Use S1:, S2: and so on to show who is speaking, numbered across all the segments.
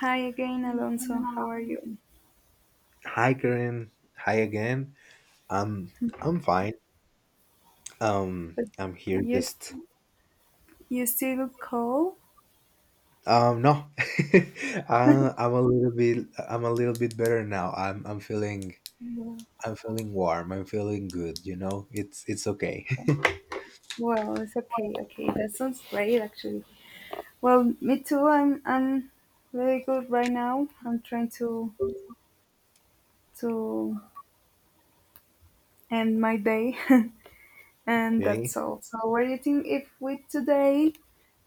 S1: Hi again, Alonso. How are you?
S2: Hi, Karen. Hi again. Um, I'm fine.
S1: But
S2: I'm here
S1: you s-
S2: just
S1: you still cold?
S2: No. I'm a little bit I'm a little bit better now. I'm feeling
S1: Yeah.
S2: I'm feeling warm. I'm feeling good. It's okay.
S1: Well, it's okay. Okay, that sounds great, actually. Well, me too. I'm very good right now. I'm trying to end my day, and
S2: Okay.
S1: that's all. So, what do you think if we today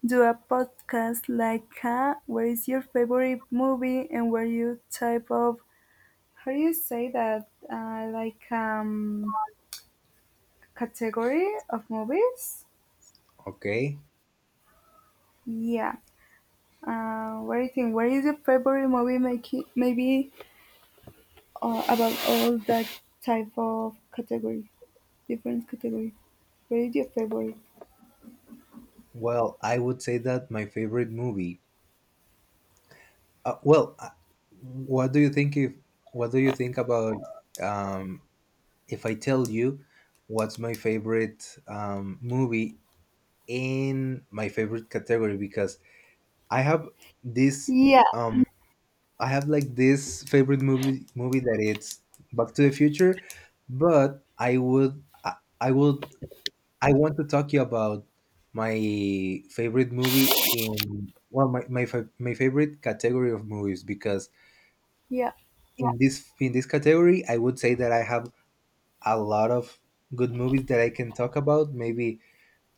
S1: do a podcast like "Where is your favorite movie?" and where you type of how do you say that? Category of movies.
S2: Okay.
S1: Yeah. What do you think? What is your favorite movie? Making maybe about all that type of category, different category. What is your favorite?
S2: Well, I would say that my favorite movie. Uh, well, uh, what do you think if what do you think about um if I tell you what's my favorite movie in my favorite category, because I have this
S1: Yeah,
S2: um I have like this favorite movie that it's Back to the Future. But I would I want to talk you about my favorite movie in, well, my favorite category of movies. Because
S1: yeah.
S2: in this category, I would say that I have a lot of good movies that I can talk about. Maybe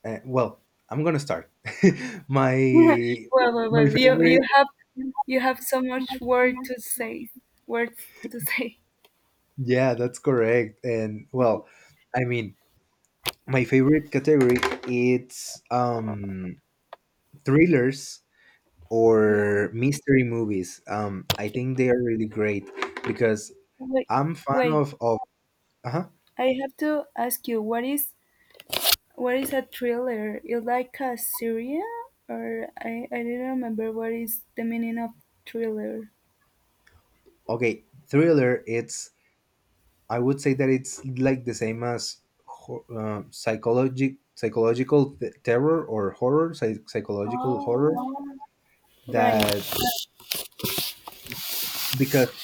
S2: Well, I'm gonna start.
S1: well,
S2: my
S1: well,
S2: my
S1: well. You
S2: favorite,
S1: you have you have so much word to say. Words to say.
S2: yeah, that's correct. And well, I mean, my favorite category, it's thrillers
S1: Yeah.
S2: or mystery movies. I think they are really great because
S1: Wait,
S2: I'm fan
S1: wait.
S2: of uh-huh.
S1: I have to ask you. What is a thriller? Is like a Syria, or I didn't remember what is the meaning of thriller.
S2: Okay, thriller. It's, I would say that it's like the same as psychological terror or horror, psychological horror.
S1: Oh,
S2: That
S1: right.
S2: Because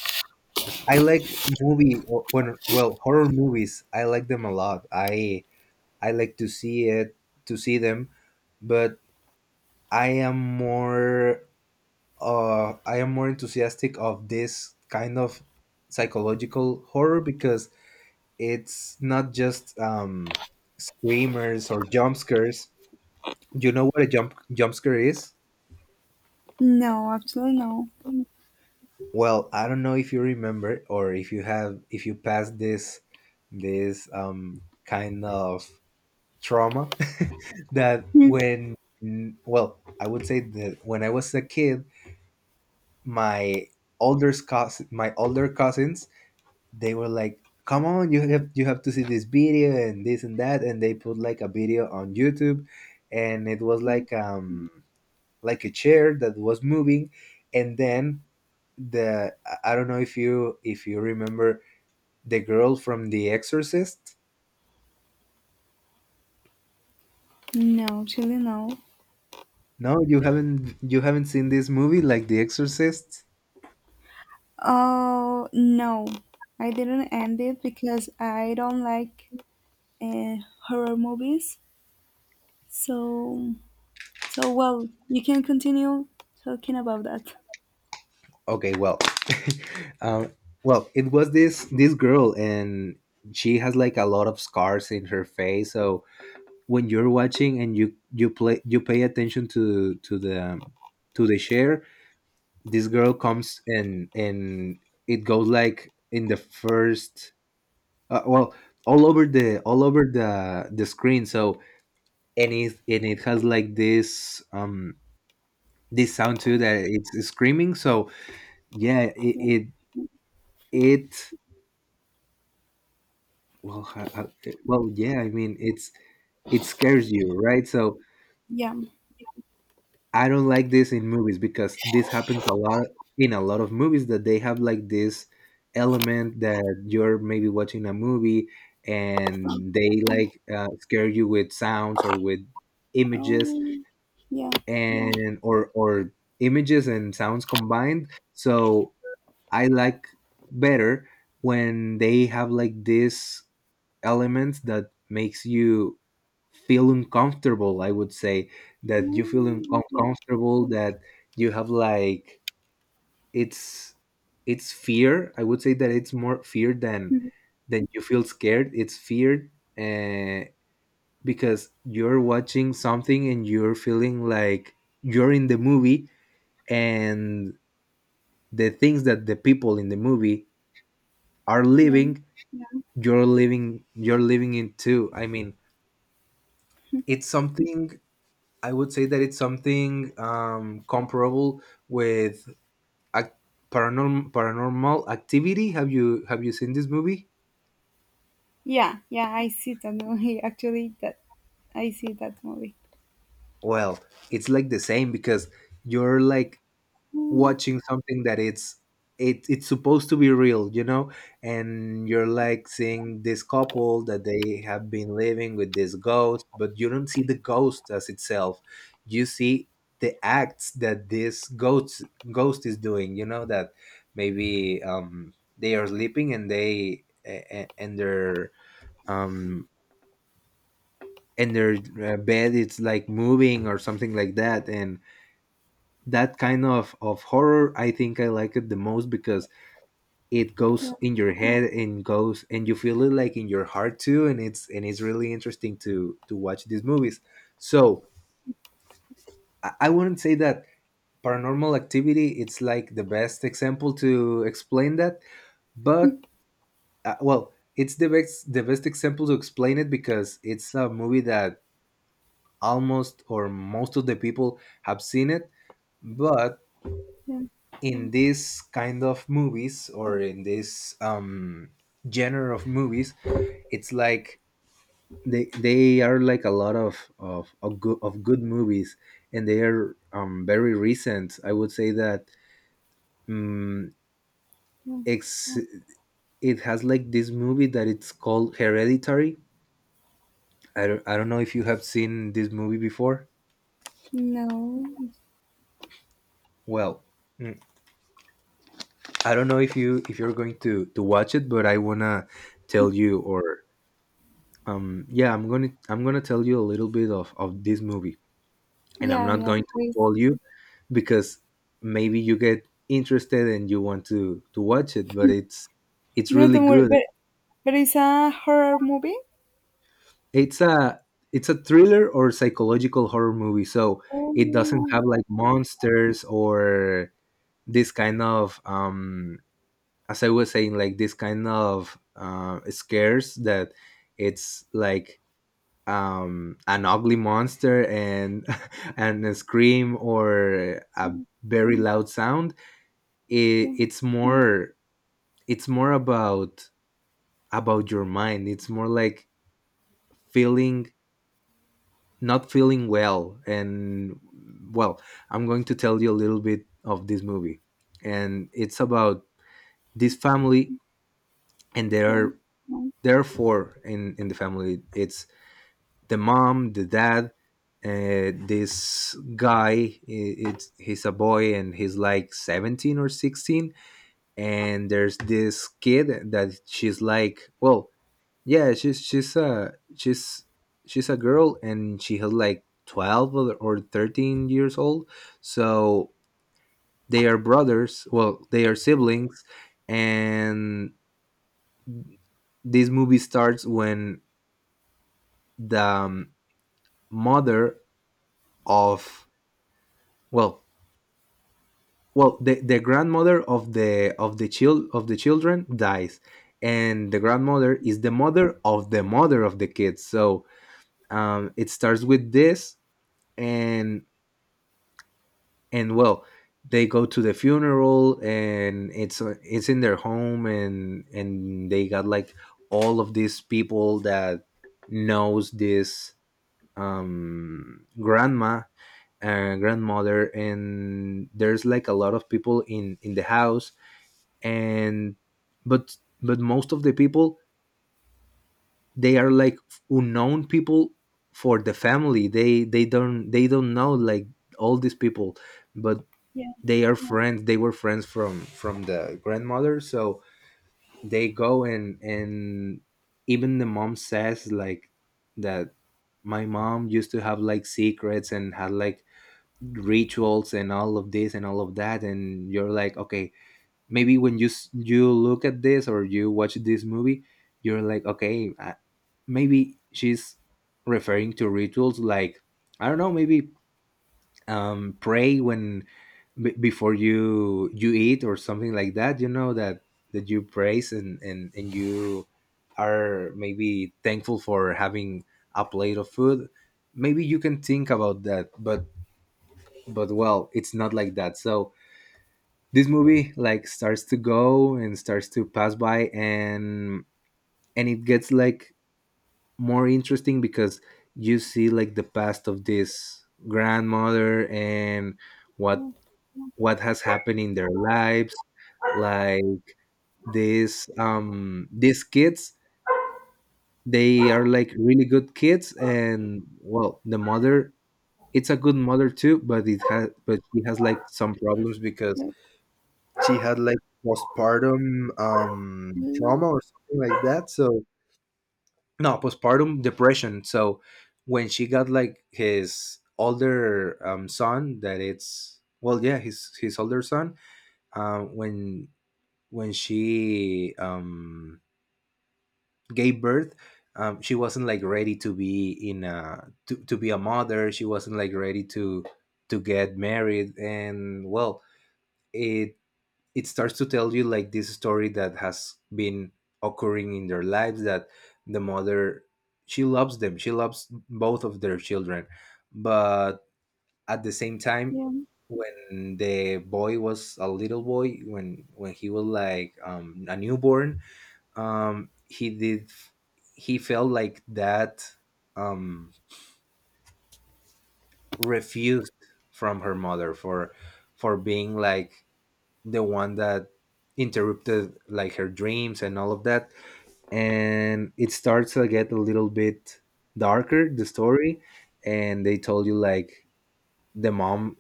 S2: I like movie or- when well horror movies, I like them a lot. I like to see it to see them. But I am more I am more enthusiastic of this kind of psychological horror, because it's not just screamers or jump scares. You know what a jump scare is?
S1: No, absolutely no.
S2: Well, I don't know if you remember, or if you have if you passed this this kind of trauma, that
S1: Hmm.
S2: when, well, I would say that when I was a kid, my my older cousins, they were like, "Come on, you have to see this video and this and that," and they put like a video on YouTube. And it was like a chair that was moving. And then the, I don't know if you remember the girl from The Exorcist.
S1: No, actually no.
S2: No, you haven't seen this movie, like The Exorcist.
S1: Oh no, I didn't end it because I don't like uh, horror movies. So so well, you can continue talking about that.
S2: Okay, well, um, well, it was this girl, and she has like a lot of scars in her face. So when you're watching, and you pay attention to the share, this girl comes, and it goes like in the first, uh, well all over the screen. So and it, and it has like this this sound too, that it's screaming. So yeah,
S1: Yeah.
S2: it, well ha- ha- yeah, I mean, it's, it scares you, right? So
S1: Yeah.
S2: I don't like this in movies, because this happens a lot, in a lot of movies, that they have like this element, that you're maybe watching a movie and they like, scare you with sounds or with
S1: Oh
S2: images,
S1: yeah.
S2: and or images and sounds combined. So I like better when they have like this elements that makes you feel uncomfortable, I would say, that you feel
S1: Mm, yeah.
S2: uncomfortable. That you have like, it's it's fear. I would say that it's more fear than
S1: Mhm.
S2: than you feel scared. It's fear, uh, because you're watching something and you're feeling like you're in the movie, and the things that the people in the movie are
S1: Yeah.
S2: living, you're living, you're living in too. I mean, it's something, I would say that it's something comparable with a paranormal activity. Have you have you seen this movie?
S1: Yeah, yeah, I see that movie. Actually, that I see that movie.
S2: Well, it's like the same, because you're like
S1: Mm,
S2: watching something that it's, it's supposed to be real, you know. And you're like seeing this couple that they have been living with this ghost, but you don't see the ghost as itself. You see the acts that this ghost is doing. You know that maybe they are sleeping, and um and their bed it's like moving or something like that. And that kind of horror, I think I like it the most, because it
S1: yeah,
S2: goes in your head and goes, and you feel it like in your heart too. And it's, and it's really interesting to watch these movies. So I wouldn't say that paranormal activity it's like the best example to explain that. But well, it's the best example to explain it, because it's a movie that almost or most of the people have seen it. But
S1: yeah,
S2: in this kind of movies, or in this genre of movies, it's like they are like a lot of good movies. And they are very recent, I would say that um
S1: yeah.
S2: ex it has like this movie that it's called Hereditary. I don't know if you have seen this movie before.
S1: No,
S2: Well, mm, I don't know if you if you're going to watch it, but I wanna tell you, or yeah, I'm gonna tell you a little bit of this movie. And I'm
S1: yeah,
S2: not
S1: yeah,
S2: going to
S1: please.
S2: spoil you, because maybe you get interested and you want to watch it. But it's
S1: No,
S2: really
S1: don't worry.
S2: good.
S1: But it's a horror movie.
S2: It's a, it's a thriller or psychological horror movie, so it doesn't
S1: Oh,
S2: have like monsters or this kind of as I was saying, like this kind of, scares that it's like an ugly monster and and a scream or a very loud sound.
S1: yeah,
S2: It's more, it's more about your mind. It's more like feeling, not feeling well. And well, I'm going to tell you a little bit of this movie. And it's about this family, and there
S1: yeah,
S2: are, there are four in the family. It's the mom, the dad, this guy, I- it's he's a boy and he's like 17 or 16. And there's this kid that she's like, well, yeah, she's a girl, and she has like 12 or 13 years old. So they are brothers, well, they are siblings. And this movie starts when the, mother of, well, well, the grandmother of the, of the children dies. And the grandmother is the mother of the mother of the kids. So it starts with this. and and well, they go to the funeral, and it's, it's in their home. And they got like all of these people that knows this grandma and grandmother. And there's like a lot of people in the house. And but but most of the people, they are like unknown people for the family. They they don't, they don't know like all these people. But
S1: yeah,
S2: they are friends, they were friends from the grandmother. So they go, and even the mom says like, that my mom used to have like secrets, and had like rituals and all of this and all of that. And you're like, okay, maybe when you you look at this, or you watch this movie, you're like, okay, maybe she's referring to rituals like, I don't know, maybe pray when, before you you eat or something like that, you know. That that you praise, and you are maybe thankful for having a plate of food. Maybe you can think about that. But well, it's not like that. So this movie like starts to go, and starts to pass by. And it gets like more interesting, because you see like the past of this grandmother, and what what has happened in their lives. Like these kids, they are like really good kids. And well, the mother, it's a good mother too, but it has but she has like some problems, because
S1: no,
S2: she had like postpartum trauma or something like that, so, no, postpartum depression. So when she got like his older son that it's, well, yeah, his older son, um when when she gave birth, she wasn't like ready to be a mother. She wasn't like ready to get married. And well, it it starts to tell you like this story, that has been occurring in their lives, that the mother, she loves them, she loves both of their children. But at the same time,
S1: yeah,
S2: when the boy was a little boy, when he was like, a newborn, um he did he felt like that um refused from her mother, for being like the one that interrupted like her dreams and all of that. And it starts to get a little bit darker, the story. And they told you, like, the mom,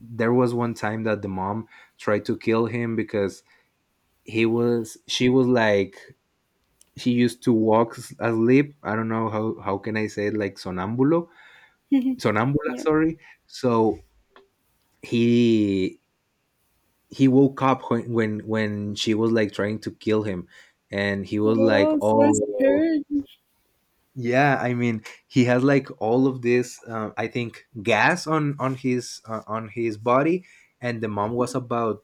S2: there was one time that the mom tried to kill him, because he was she was like, she used to walk asleep. I don't know how can I say it, like, sonambulo, sonambula.
S1: yeah.
S2: Sorry. So he he woke up when she was like trying to kill him, and he was like,
S1: Well, so
S2: oh.
S1: scary.
S2: Yeah, I mean, he has like all of this. I think gas on his on his body, and the mom was about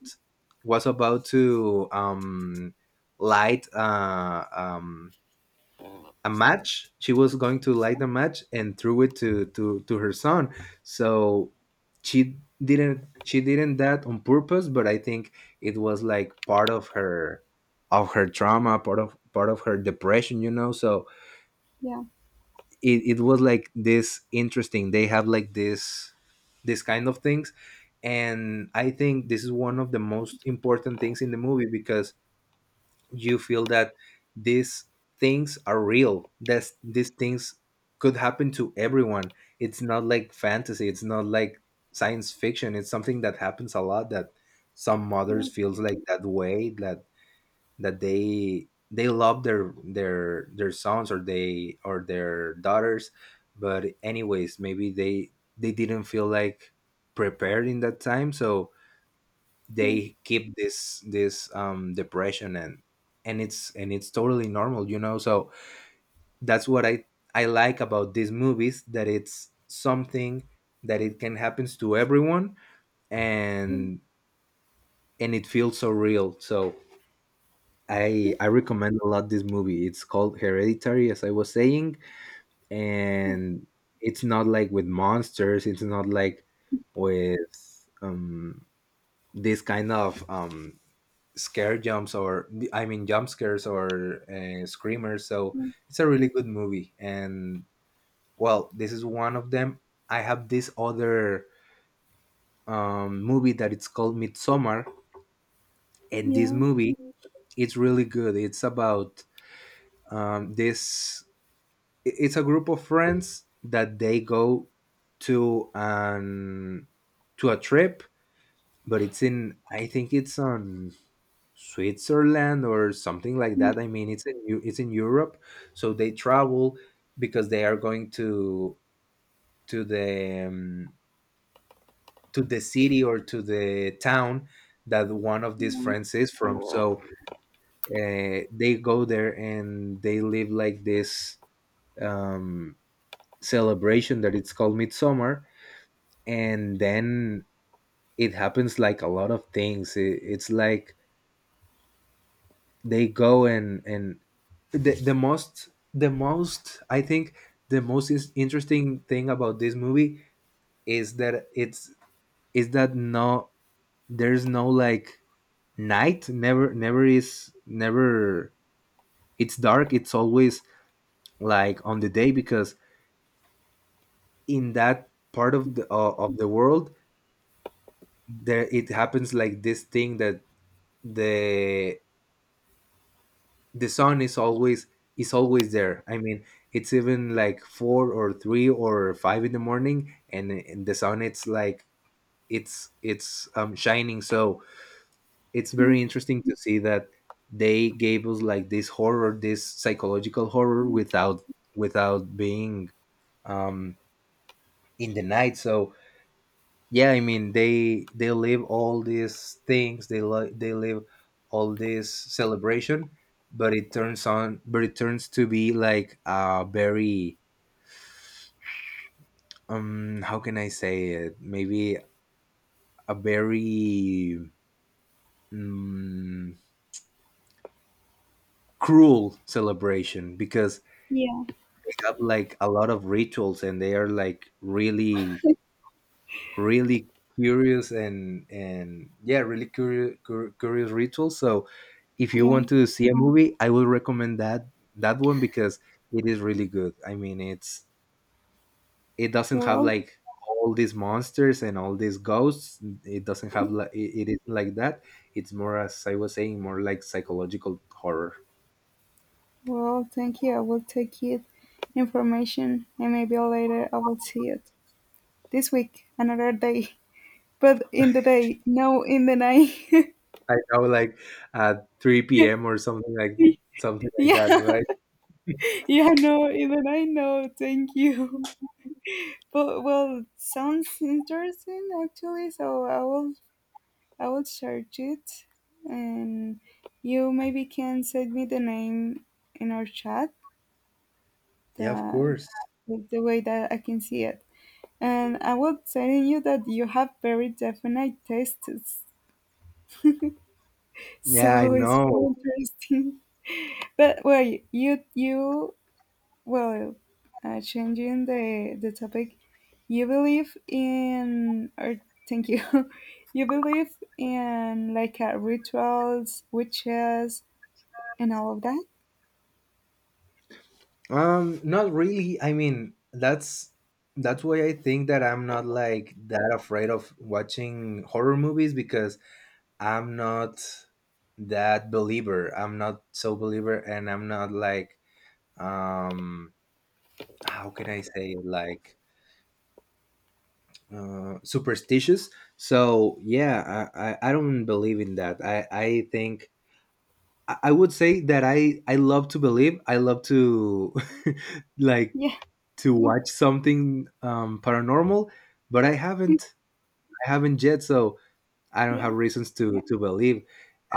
S2: was about to light a match. She was going to light the match and threw it to her son. So she didn't that on purpose, but I think it was like part of her trauma, part of her depression. So
S1: Yeah,
S2: it was like this interesting. They have like this kind of things. And I think this is one of the most important things in the movie, because you feel that these things are real, that these things could happen to everyone. It's not like fantasy, it's not like science fiction, it's something that happens a lot, that some
S1: yeah,
S2: mothers feels like that way, that they love their sons, or they, or their daughters. But anyways, maybe they didn't feel like prepared in that time, so
S1: yeah,
S2: they keep this depression. And it's totally normal. So that's what I like about these movies, that it's something that it can happens to everyone.
S1: yeah, yeah,
S2: And and it feels so real. So I recommend a lot this movie. It's called Hereditary, as I was saying. And it's not like with monsters, it's not like with, um this kind of, scare jumps, or I mean jump scares, or screamers. So it's a really good movie. And well, this is one of them. I have this other, movie that it's called Midsummer. And this
S1: yeah.
S2: movie, it's really good. It's about, this, it's a group of friends that they go to an to a trip. But it's in, I think it's on Switzerland or something like
S1: Mm,
S2: that. I mean, it's in it's in Europe, so they travel, because they are going to the, to the city or to the town that one of these friends is from. So they go there and they live like this, um, celebration that it's called Midsummer. And then it happens like a lot of things. It's like, they go, and the most I think the most is interesting thing about this movie is that it's is that no, there's no like night. Never is never it's dark. It's always like on the day, because in that part of the world, there it happens like this thing, that the the sun is always, there I mean. It's even like four or three or five in the morning, and the sun it's like, it's shining. So it's very interesting to see that they gave us like this horror, this psychological horror, without being, um in the night. So yeah, I mean, they live all these things. They they live all this celebration. But it turns on but it turns to be like a very, how can I say it? Maybe a very, mm, cruel celebration, because
S1: yeah.
S2: they have like a lot of rituals, and they are like really, really curious, and yeah, really curious rituals. So if you
S1: Yeah.
S2: want to see a movie, I would recommend that one, because it is really good. I mean, it's, it doesn't have
S1: Well,
S2: like all these monsters and all these ghosts. It doesn't have like, it is like that. It's more, as I was saying, more like psychological horror.
S1: thank you. I will take it information, and maybe later I will see it. This week, another day, but in the day, no in the night.
S2: I know, like at 3 p.m. or something like,
S1: Yeah,
S2: that right?
S1: yeah, no in the night, no, thank you. But well, sounds interesting actually, so I will search it, and you maybe can send me the name in our chat,
S2: Yeah, of
S1: the
S2: course.
S1: the way that I can see it. And I will telling you that you have very definite tastes,
S2: Yeah, I
S1: so it's
S2: know.
S1: really interesting. But well, changing the topic. You believe in, or thank you. You believe in like rituals, witches, and all of that.
S2: Not really. I mean, that's why I think that I'm not like that afraid of watching horror movies, because I'm not that believer. I'm not so believer, and I'm not like, um, how can I say it? Like, superstitious. So yeah, I don't believe in that. I think. I would say that I love to believe. I love to like
S1: Yeah,
S2: to watch something, paranormal. But I haven't yet, so I don't
S1: yeah.
S2: have reasons to believe.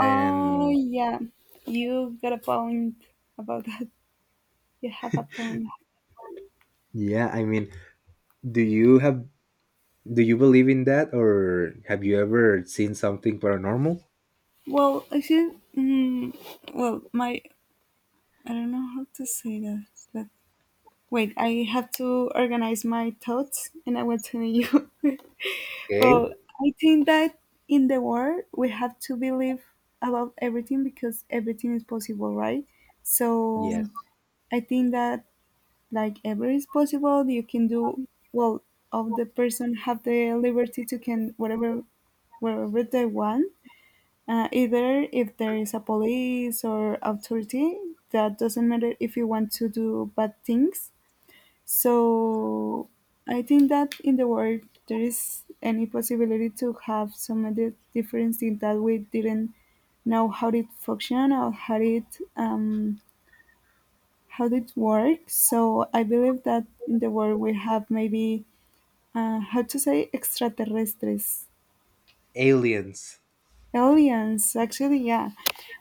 S1: Oh yeah, you got a point about that. You have a point.
S2: yeah, I mean, do you have do you believe in that, or have you ever seen something paranormal?
S1: Well, I feel. Well, my, I don't know how to say that, but wait, I have to organize my thoughts and I will tell you.
S2: Okay.
S1: Well, I think that in the world we have to believe about everything because everything is possible, right? So
S2: Yes.
S1: I think that like everything is possible, you can do well of the person have the liberty to can whatever wherever they want. Either if there is a police or authority, that doesn't matter if you want to do bad things, so I think that in the world there is any possibility to have some of the difference in that we didn't know how it function or um, how it works. So I believe that in the world we have maybe how to say extraterrestres.
S2: Aliens.
S1: Aliens, actually, yeah.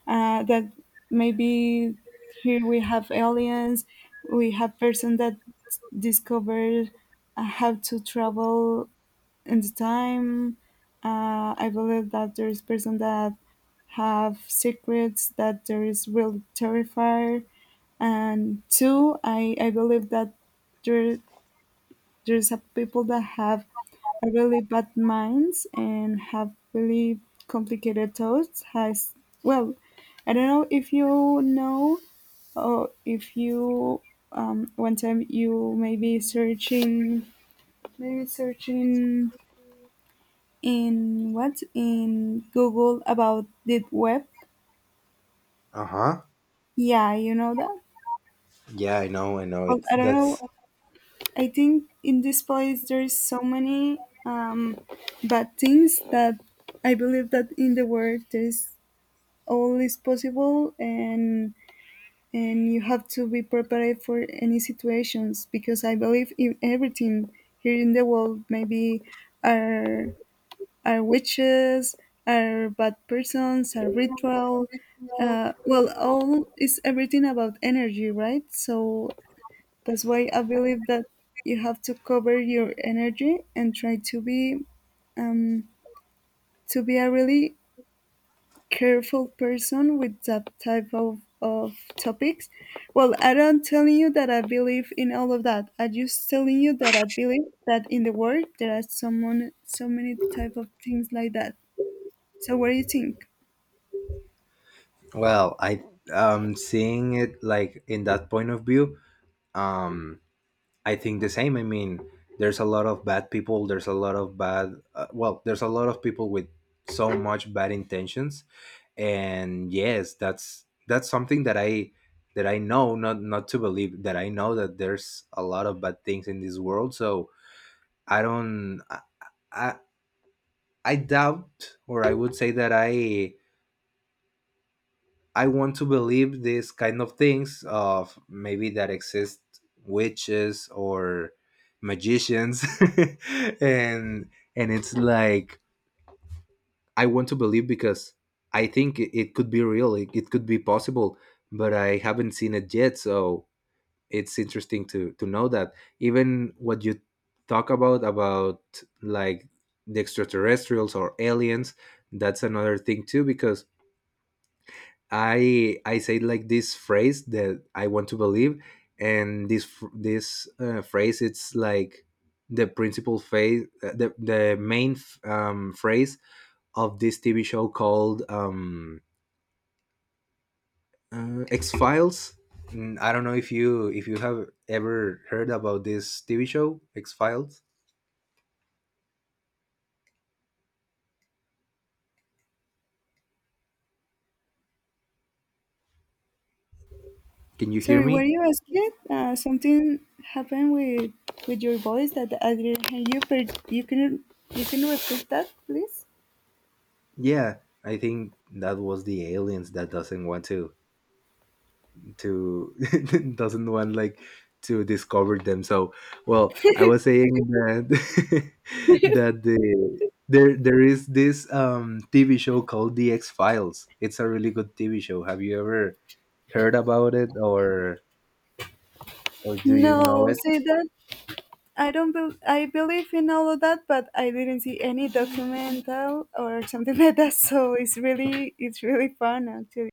S1: That maybe here we have aliens, we have person that discovered how to travel in the time. I believe that there is person that have secrets that there is really terrified. And two, I believe that there there's a people that have a really bad minds and have really complicated thoughts has. Well, I don't know if you know, or if you one time, you maybe searching in Google about deep web.
S2: Uh huh.
S1: Yeah, you know that.
S2: Yeah, I know. I know.
S1: Well,
S2: It's
S1: I don't know.
S2: that's
S1: I think in this place there is so many bad things that I believe that in the world there is all is possible, and you have to be prepared for any situations because I believe in everything here in the world. Maybe are are witches, are bad persons, are ritual. Well, all is everything about energy, right? So that's why I believe that you have to cover your energy and try um, to be a really careful person with that type of topics. Well, I don't telling you that I believe in all of that. I just telling you that I believe that in the world there are someone so many type of things like that. So what do you think?
S2: Well, I, seeing it like in that point of view. Um, I think the same. I mean, there's a lot of bad people. There's a lot of bad. Well, there's a lot of people with so much bad intentions. And yes, that's something that I know, not to believe. That I know that there's a lot of bad things in this world. So I don't. I, I doubt, or I would say that I want to believe these kind of things, of maybe that exist witches or magicians, and it's like, I want to believe, because I think it could be real. It could be possible, but I haven't seen it yet. So it's interesting to know that, even what you talk about, like, the extraterrestrials or aliens. That's another thing too, because I say like this phrase that I want to believe. And this this, phrase it's like the principal phase, the main phrase of this TV show called, X Files. I don't know if you have ever heard about this TV show, X Files. Can you hear
S1: Sorry, were
S2: me?
S1: you asking? Something happened with your voice that I didn't hear you, but you can repeat that, please.
S2: Yeah, I think that was the aliens that doesn't want to doesn't want like to discover them. So, well, I was saying that, that there is this, TV show called The X Files. It's a really good TV show. Have you ever heard about it, or do you know
S1: No,
S2: it?
S1: say that. I don't. Bel I believe in all of that, but I didn't see any documental or something like that. So it's really fun actually.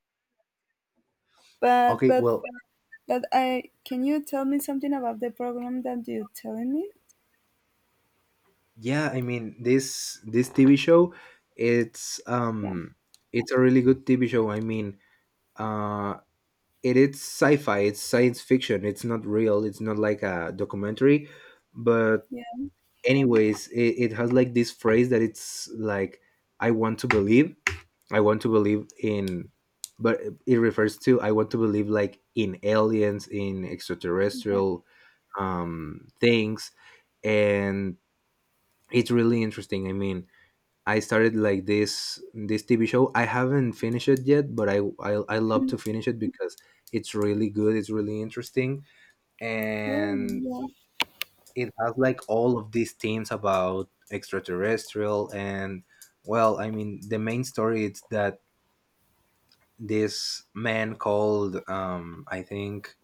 S1: But
S2: Okay,
S1: but
S2: well,
S1: but I can you tell me something about the program that you're telling me?
S2: yeah, I mean, this TV show, it's,
S1: Yeah,
S2: it's a really good TV show, I mean, uh it is sci-fi. It's science fiction. It's not real. It's not like a documentary, but
S1: yeah,
S2: anyways, it has like this phrase that it's like, I want to believe, I want to believe in. But it refers to, I want to believe like in aliens, in
S1: yeah.
S2: extraterrestrial, things. And it's really interesting. I mean, I started like this TV show. I haven't finished it yet, but I love to finish it, because it's really good. It's really interesting.
S1: Well,
S2: And it has like all of these themes about extraterrestrial. And well, I mean, the main story is that this man called, I think,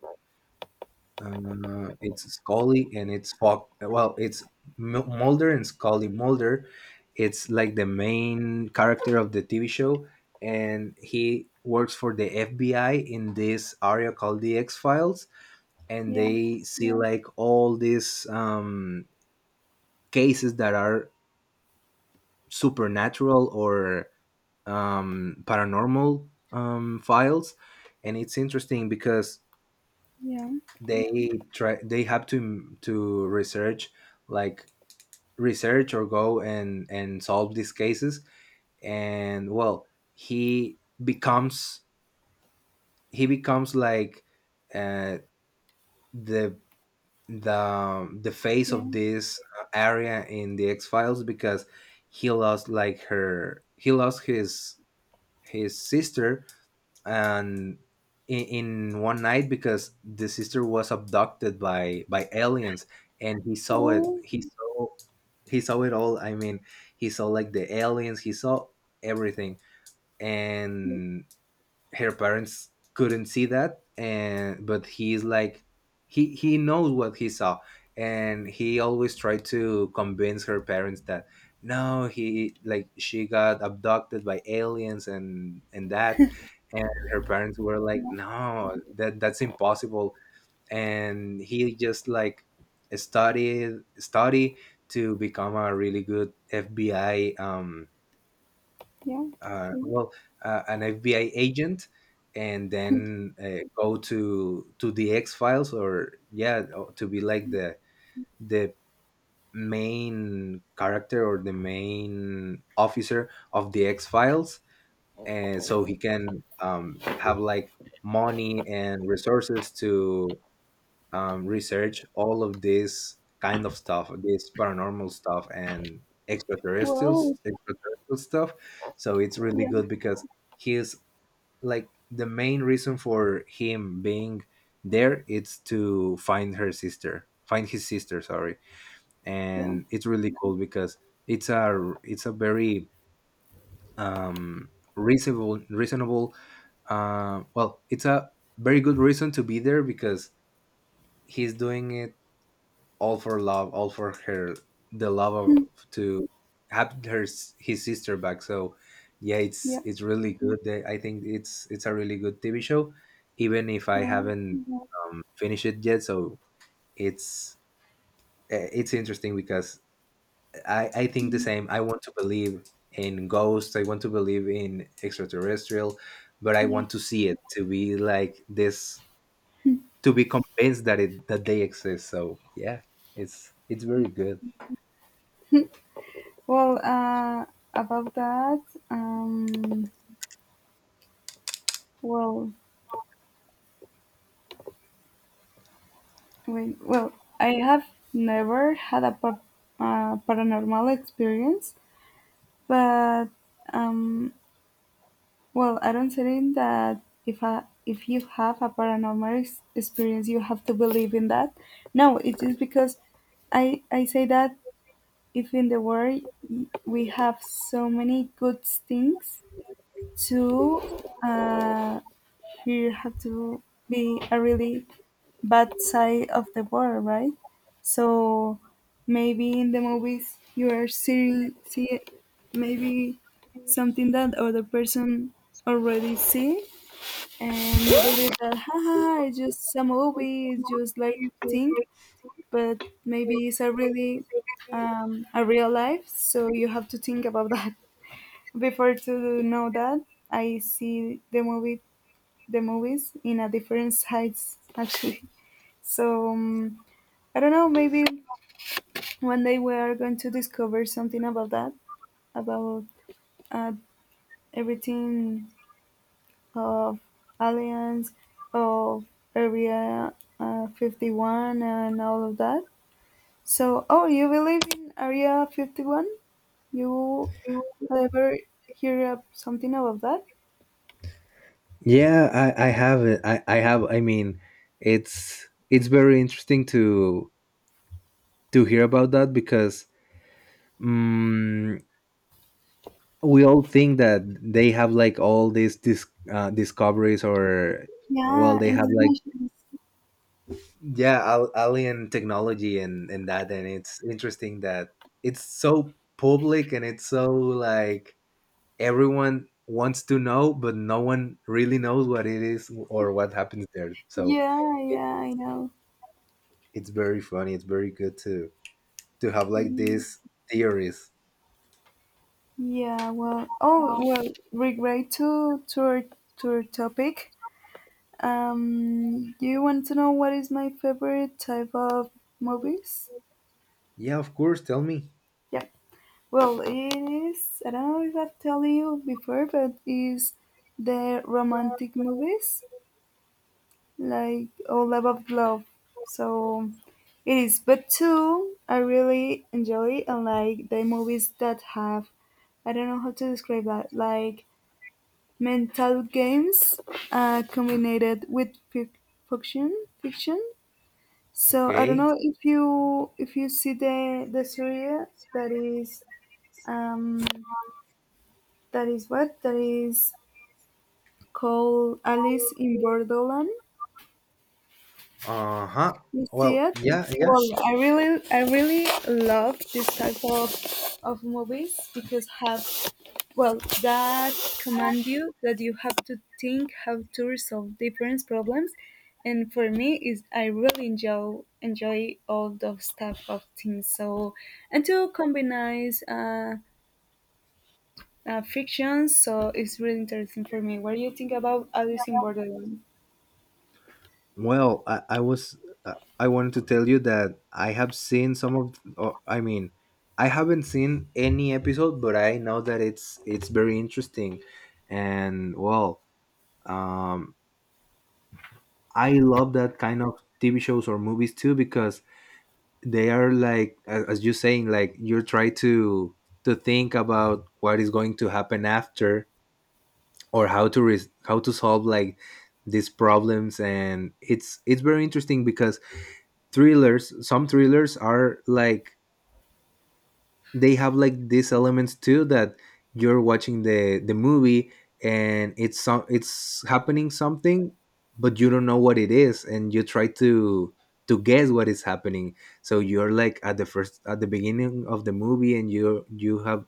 S2: It's Scully, and it's Fox. Well, it's Mulder and Scully. Mulder, it's like the main character of the TV show, and he works for the FBI in this area called The X Files. And
S1: yeah,
S2: they see like all these, cases that are supernatural or, paranormal, files. And it's interesting because
S1: yeah,
S2: they have to research, like, research, or go and solve these cases. And well, he becomes he becomes like, uh, the the face
S1: yeah, yeah.
S2: of this area in The X Files, because he lost his sister. And in one night, because the sister was abducted by aliens. And he saw it.
S1: Oh,
S2: He saw it all, I mean. He saw like the aliens. He saw everything. And her parents couldn't see that. And but he's like, he knows what he saw. And he always tried to convince her parents that no, he like she got abducted by aliens, and that. And her parents were like, no, that's impossible. And he just like studied study to become a really good FBI,
S1: yeah.
S2: well, an FBI agent, and then, go to The X Files. Or yeah, to be like the main character or the main officer of The X Files, and so he can, have like money and resources to, research all of this kind of stuff, this paranormal stuff, and
S1: Well,
S2: extraterrestrial stuff. So it's really
S1: yeah,
S2: good, because he's like the main reason for him being there, it's to find his sister. Sorry.
S1: yeah,
S2: And it's really cool because it's a, very um reasonable, well, it's a very good reason to be there, because he's doing it all for love, all for her, the love of, to have his sister back. So yeah, it's
S1: yeah.
S2: it's really good. I think it's a really good TV show, even if I
S1: Well,
S2: haven't, finished it yet. So it's it's interesting because I think the same. I want to believe in ghosts. I want to believe in extraterrestrial, but I
S1: yeah.
S2: want to see it to be like this to be convinced that they exist. So yeah, it's very good.
S1: Well, about that. Um, well, wait, well, I have never had a paranormal experience, but um, well, I don't think that if you have a paranormal experience, you have to believe in that. No, it's just because I say that if in the world we have so many good things to, uh, here had to be a really bad side of the war, right? So maybe in the movies you are seeing see maybe something that other person already see, and you believe that haha it's just a movie, it's just like thing, but maybe it's a real life, so you have to think about that. Before to know that, I see the movie, the movies in a different sides actually. So I don't know. Maybe one day we are going to discover something about that, about uh, everything of aliens, of Area 51, and all of that. So, oh, you believe in Area 51? You ever hear up something about that?
S2: Yeah, I have it. I have. I mean, it's very interesting to hear about that because mm we all think that they have like all these discoveries or well,
S1: Yeah,
S2: they have like
S1: investigations.
S2: Mhm. Yeah, alien technology and that, and it's interesting that it's so public and it's so like everyone wants to know, but no one really knows what it is or what happens there. So
S1: Yeah, yeah, I know.
S2: it's very funny. It's very good to have like
S1: Yeah,
S2: these theories.
S1: yeah. Well, oh, well. Regret to our topic. You want to know what is my favorite type of movies?
S2: Yeah, of course. Tell me.
S1: Yeah. Well, it is. I don't know if I've told you before, but is the romantic movies. Like, oh, love of love. So it is, but two, I really enjoy and like the movies that have, I don't know how to describe that like mental games combined with fic- fiction fiction so I don't
S2: Okay.
S1: know if you see the series that is um that is what that is called alice in borderland
S2: Uh huh.
S1: You see
S2: Well,
S1: it?
S2: yeah, yeah.
S1: Well, I really love this type of movies because have well, that command you that you have to think how to resolve different problems, and for me is I really enjoy all those type of things. So and to combine uh, frictions, so it's really interesting for me. What do you think about Alice in Borderland?
S2: Well, I was I wanted to tell you that I have seen some of. Or, I mean, I haven't seen any episode, but I know that it's very interesting, and well, um, I love that kind of TV shows or movies too because they are like as you saying like you're trying to think about what is going to happen after or how to solve like these problems and it's very interesting because thrillers, some thrillers are like they have like these elements too that you're watching the movie and it's happening something but you don't know what it is and you try to guess what is happening. So you're like at the first at the beginning of the movie and you have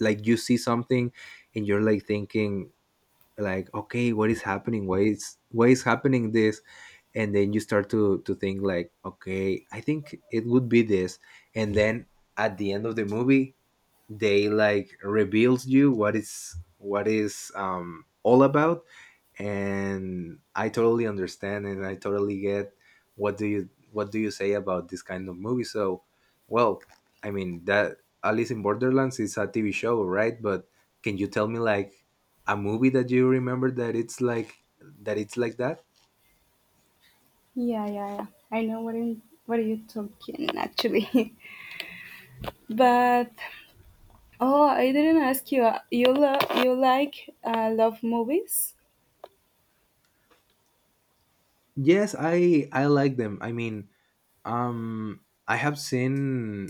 S2: like you see something and you're like thinking like, okay, what is happening, why is happening this? And then you start to think like, okay, I think it would be this. And then at the end of the movie they like reveals you what is all about. And I totally understand and I totally get what do you say about this kind of movie. So well, I mean that Alice in Borderlands is a TV show, right? But can you tell me like a movie that you remember that it's like that, it's like that?
S1: Yeah, yeah, yeah. I know what are you talking actually. But oh, I didn't ask you. You love you like love movies?
S2: Yes, I like them. I mean, um I have seen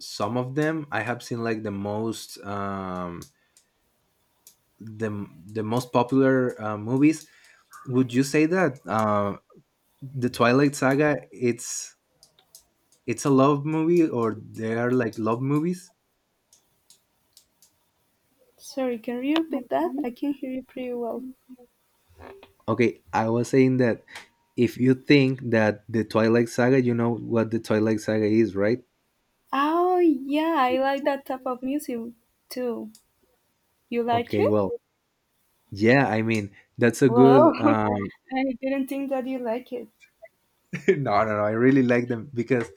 S2: some of them. I have seen like the most, the the most popular movies. Would you say that the Twilight saga it's a love movie, or they are like love movies?
S1: Sorry, can you repeat that? I can hear you pretty well.
S2: Okay, I was saying that if you think that the Twilight saga, you know what the Twilight saga is, right?
S1: Oh yeah, I like that type of music too. You like
S2: Okay,
S1: it?
S2: well, yeah, I mean that's a
S1: Whoa,
S2: good
S1: I didn't think that you like it.
S2: no, no, no, I really like them because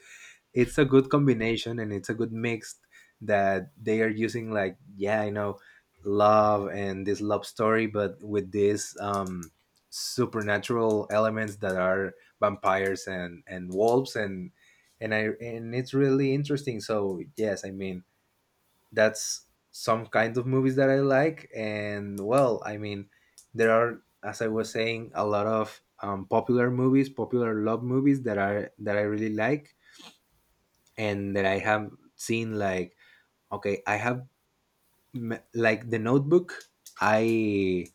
S2: it's a good combination and it's a good mix that they are using like, yeah, I know, love and this love story but with these supernatural elements that are vampires and wolves and it's really interesting. So yes, I mean that's some kind of movies that I like. And well, I mean, there are, as I was saying, a lot of popular movies, popular love movies that are that I really like and that I have seen, like, okay, I have like The Notebook. I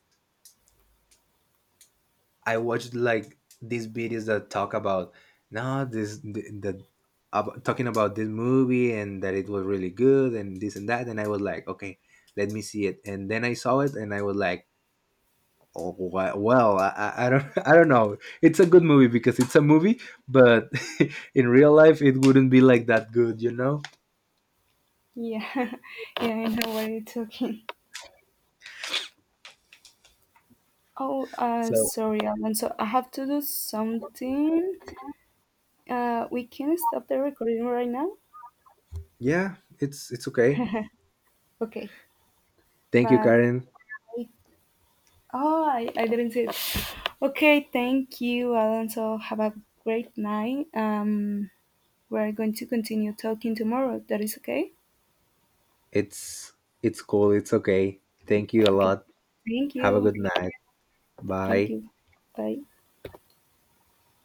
S2: I watched like these videos that talk about no this the about, talking about this movie and that it was really good and this and that, and I was like, okay, let me see it. And then I saw it and I was like, oh, well, I don't I don't know, it's a good movie because it's a movie, but in real life it wouldn't be like that good, you know.
S1: Yeah, yeah, I know what you're talking. Oh,
S2: So
S1: sorry, Alan. So I have to do something. We can stop the recording right now.
S2: yeah, it's okay.
S1: Okay,
S2: Thank you,
S1: but
S2: Karen.
S1: I, oh, I didn't see it. Okay, thank you, Alonso. Have a great night. We're going to continue talking tomorrow. That is okay?
S2: It's it's cool. It's okay. Thank you a
S1: Okay.
S2: lot.
S1: Thank
S2: Have a
S1: you.
S2: good night.
S1: Thank
S2: Bye.
S1: you. Bye.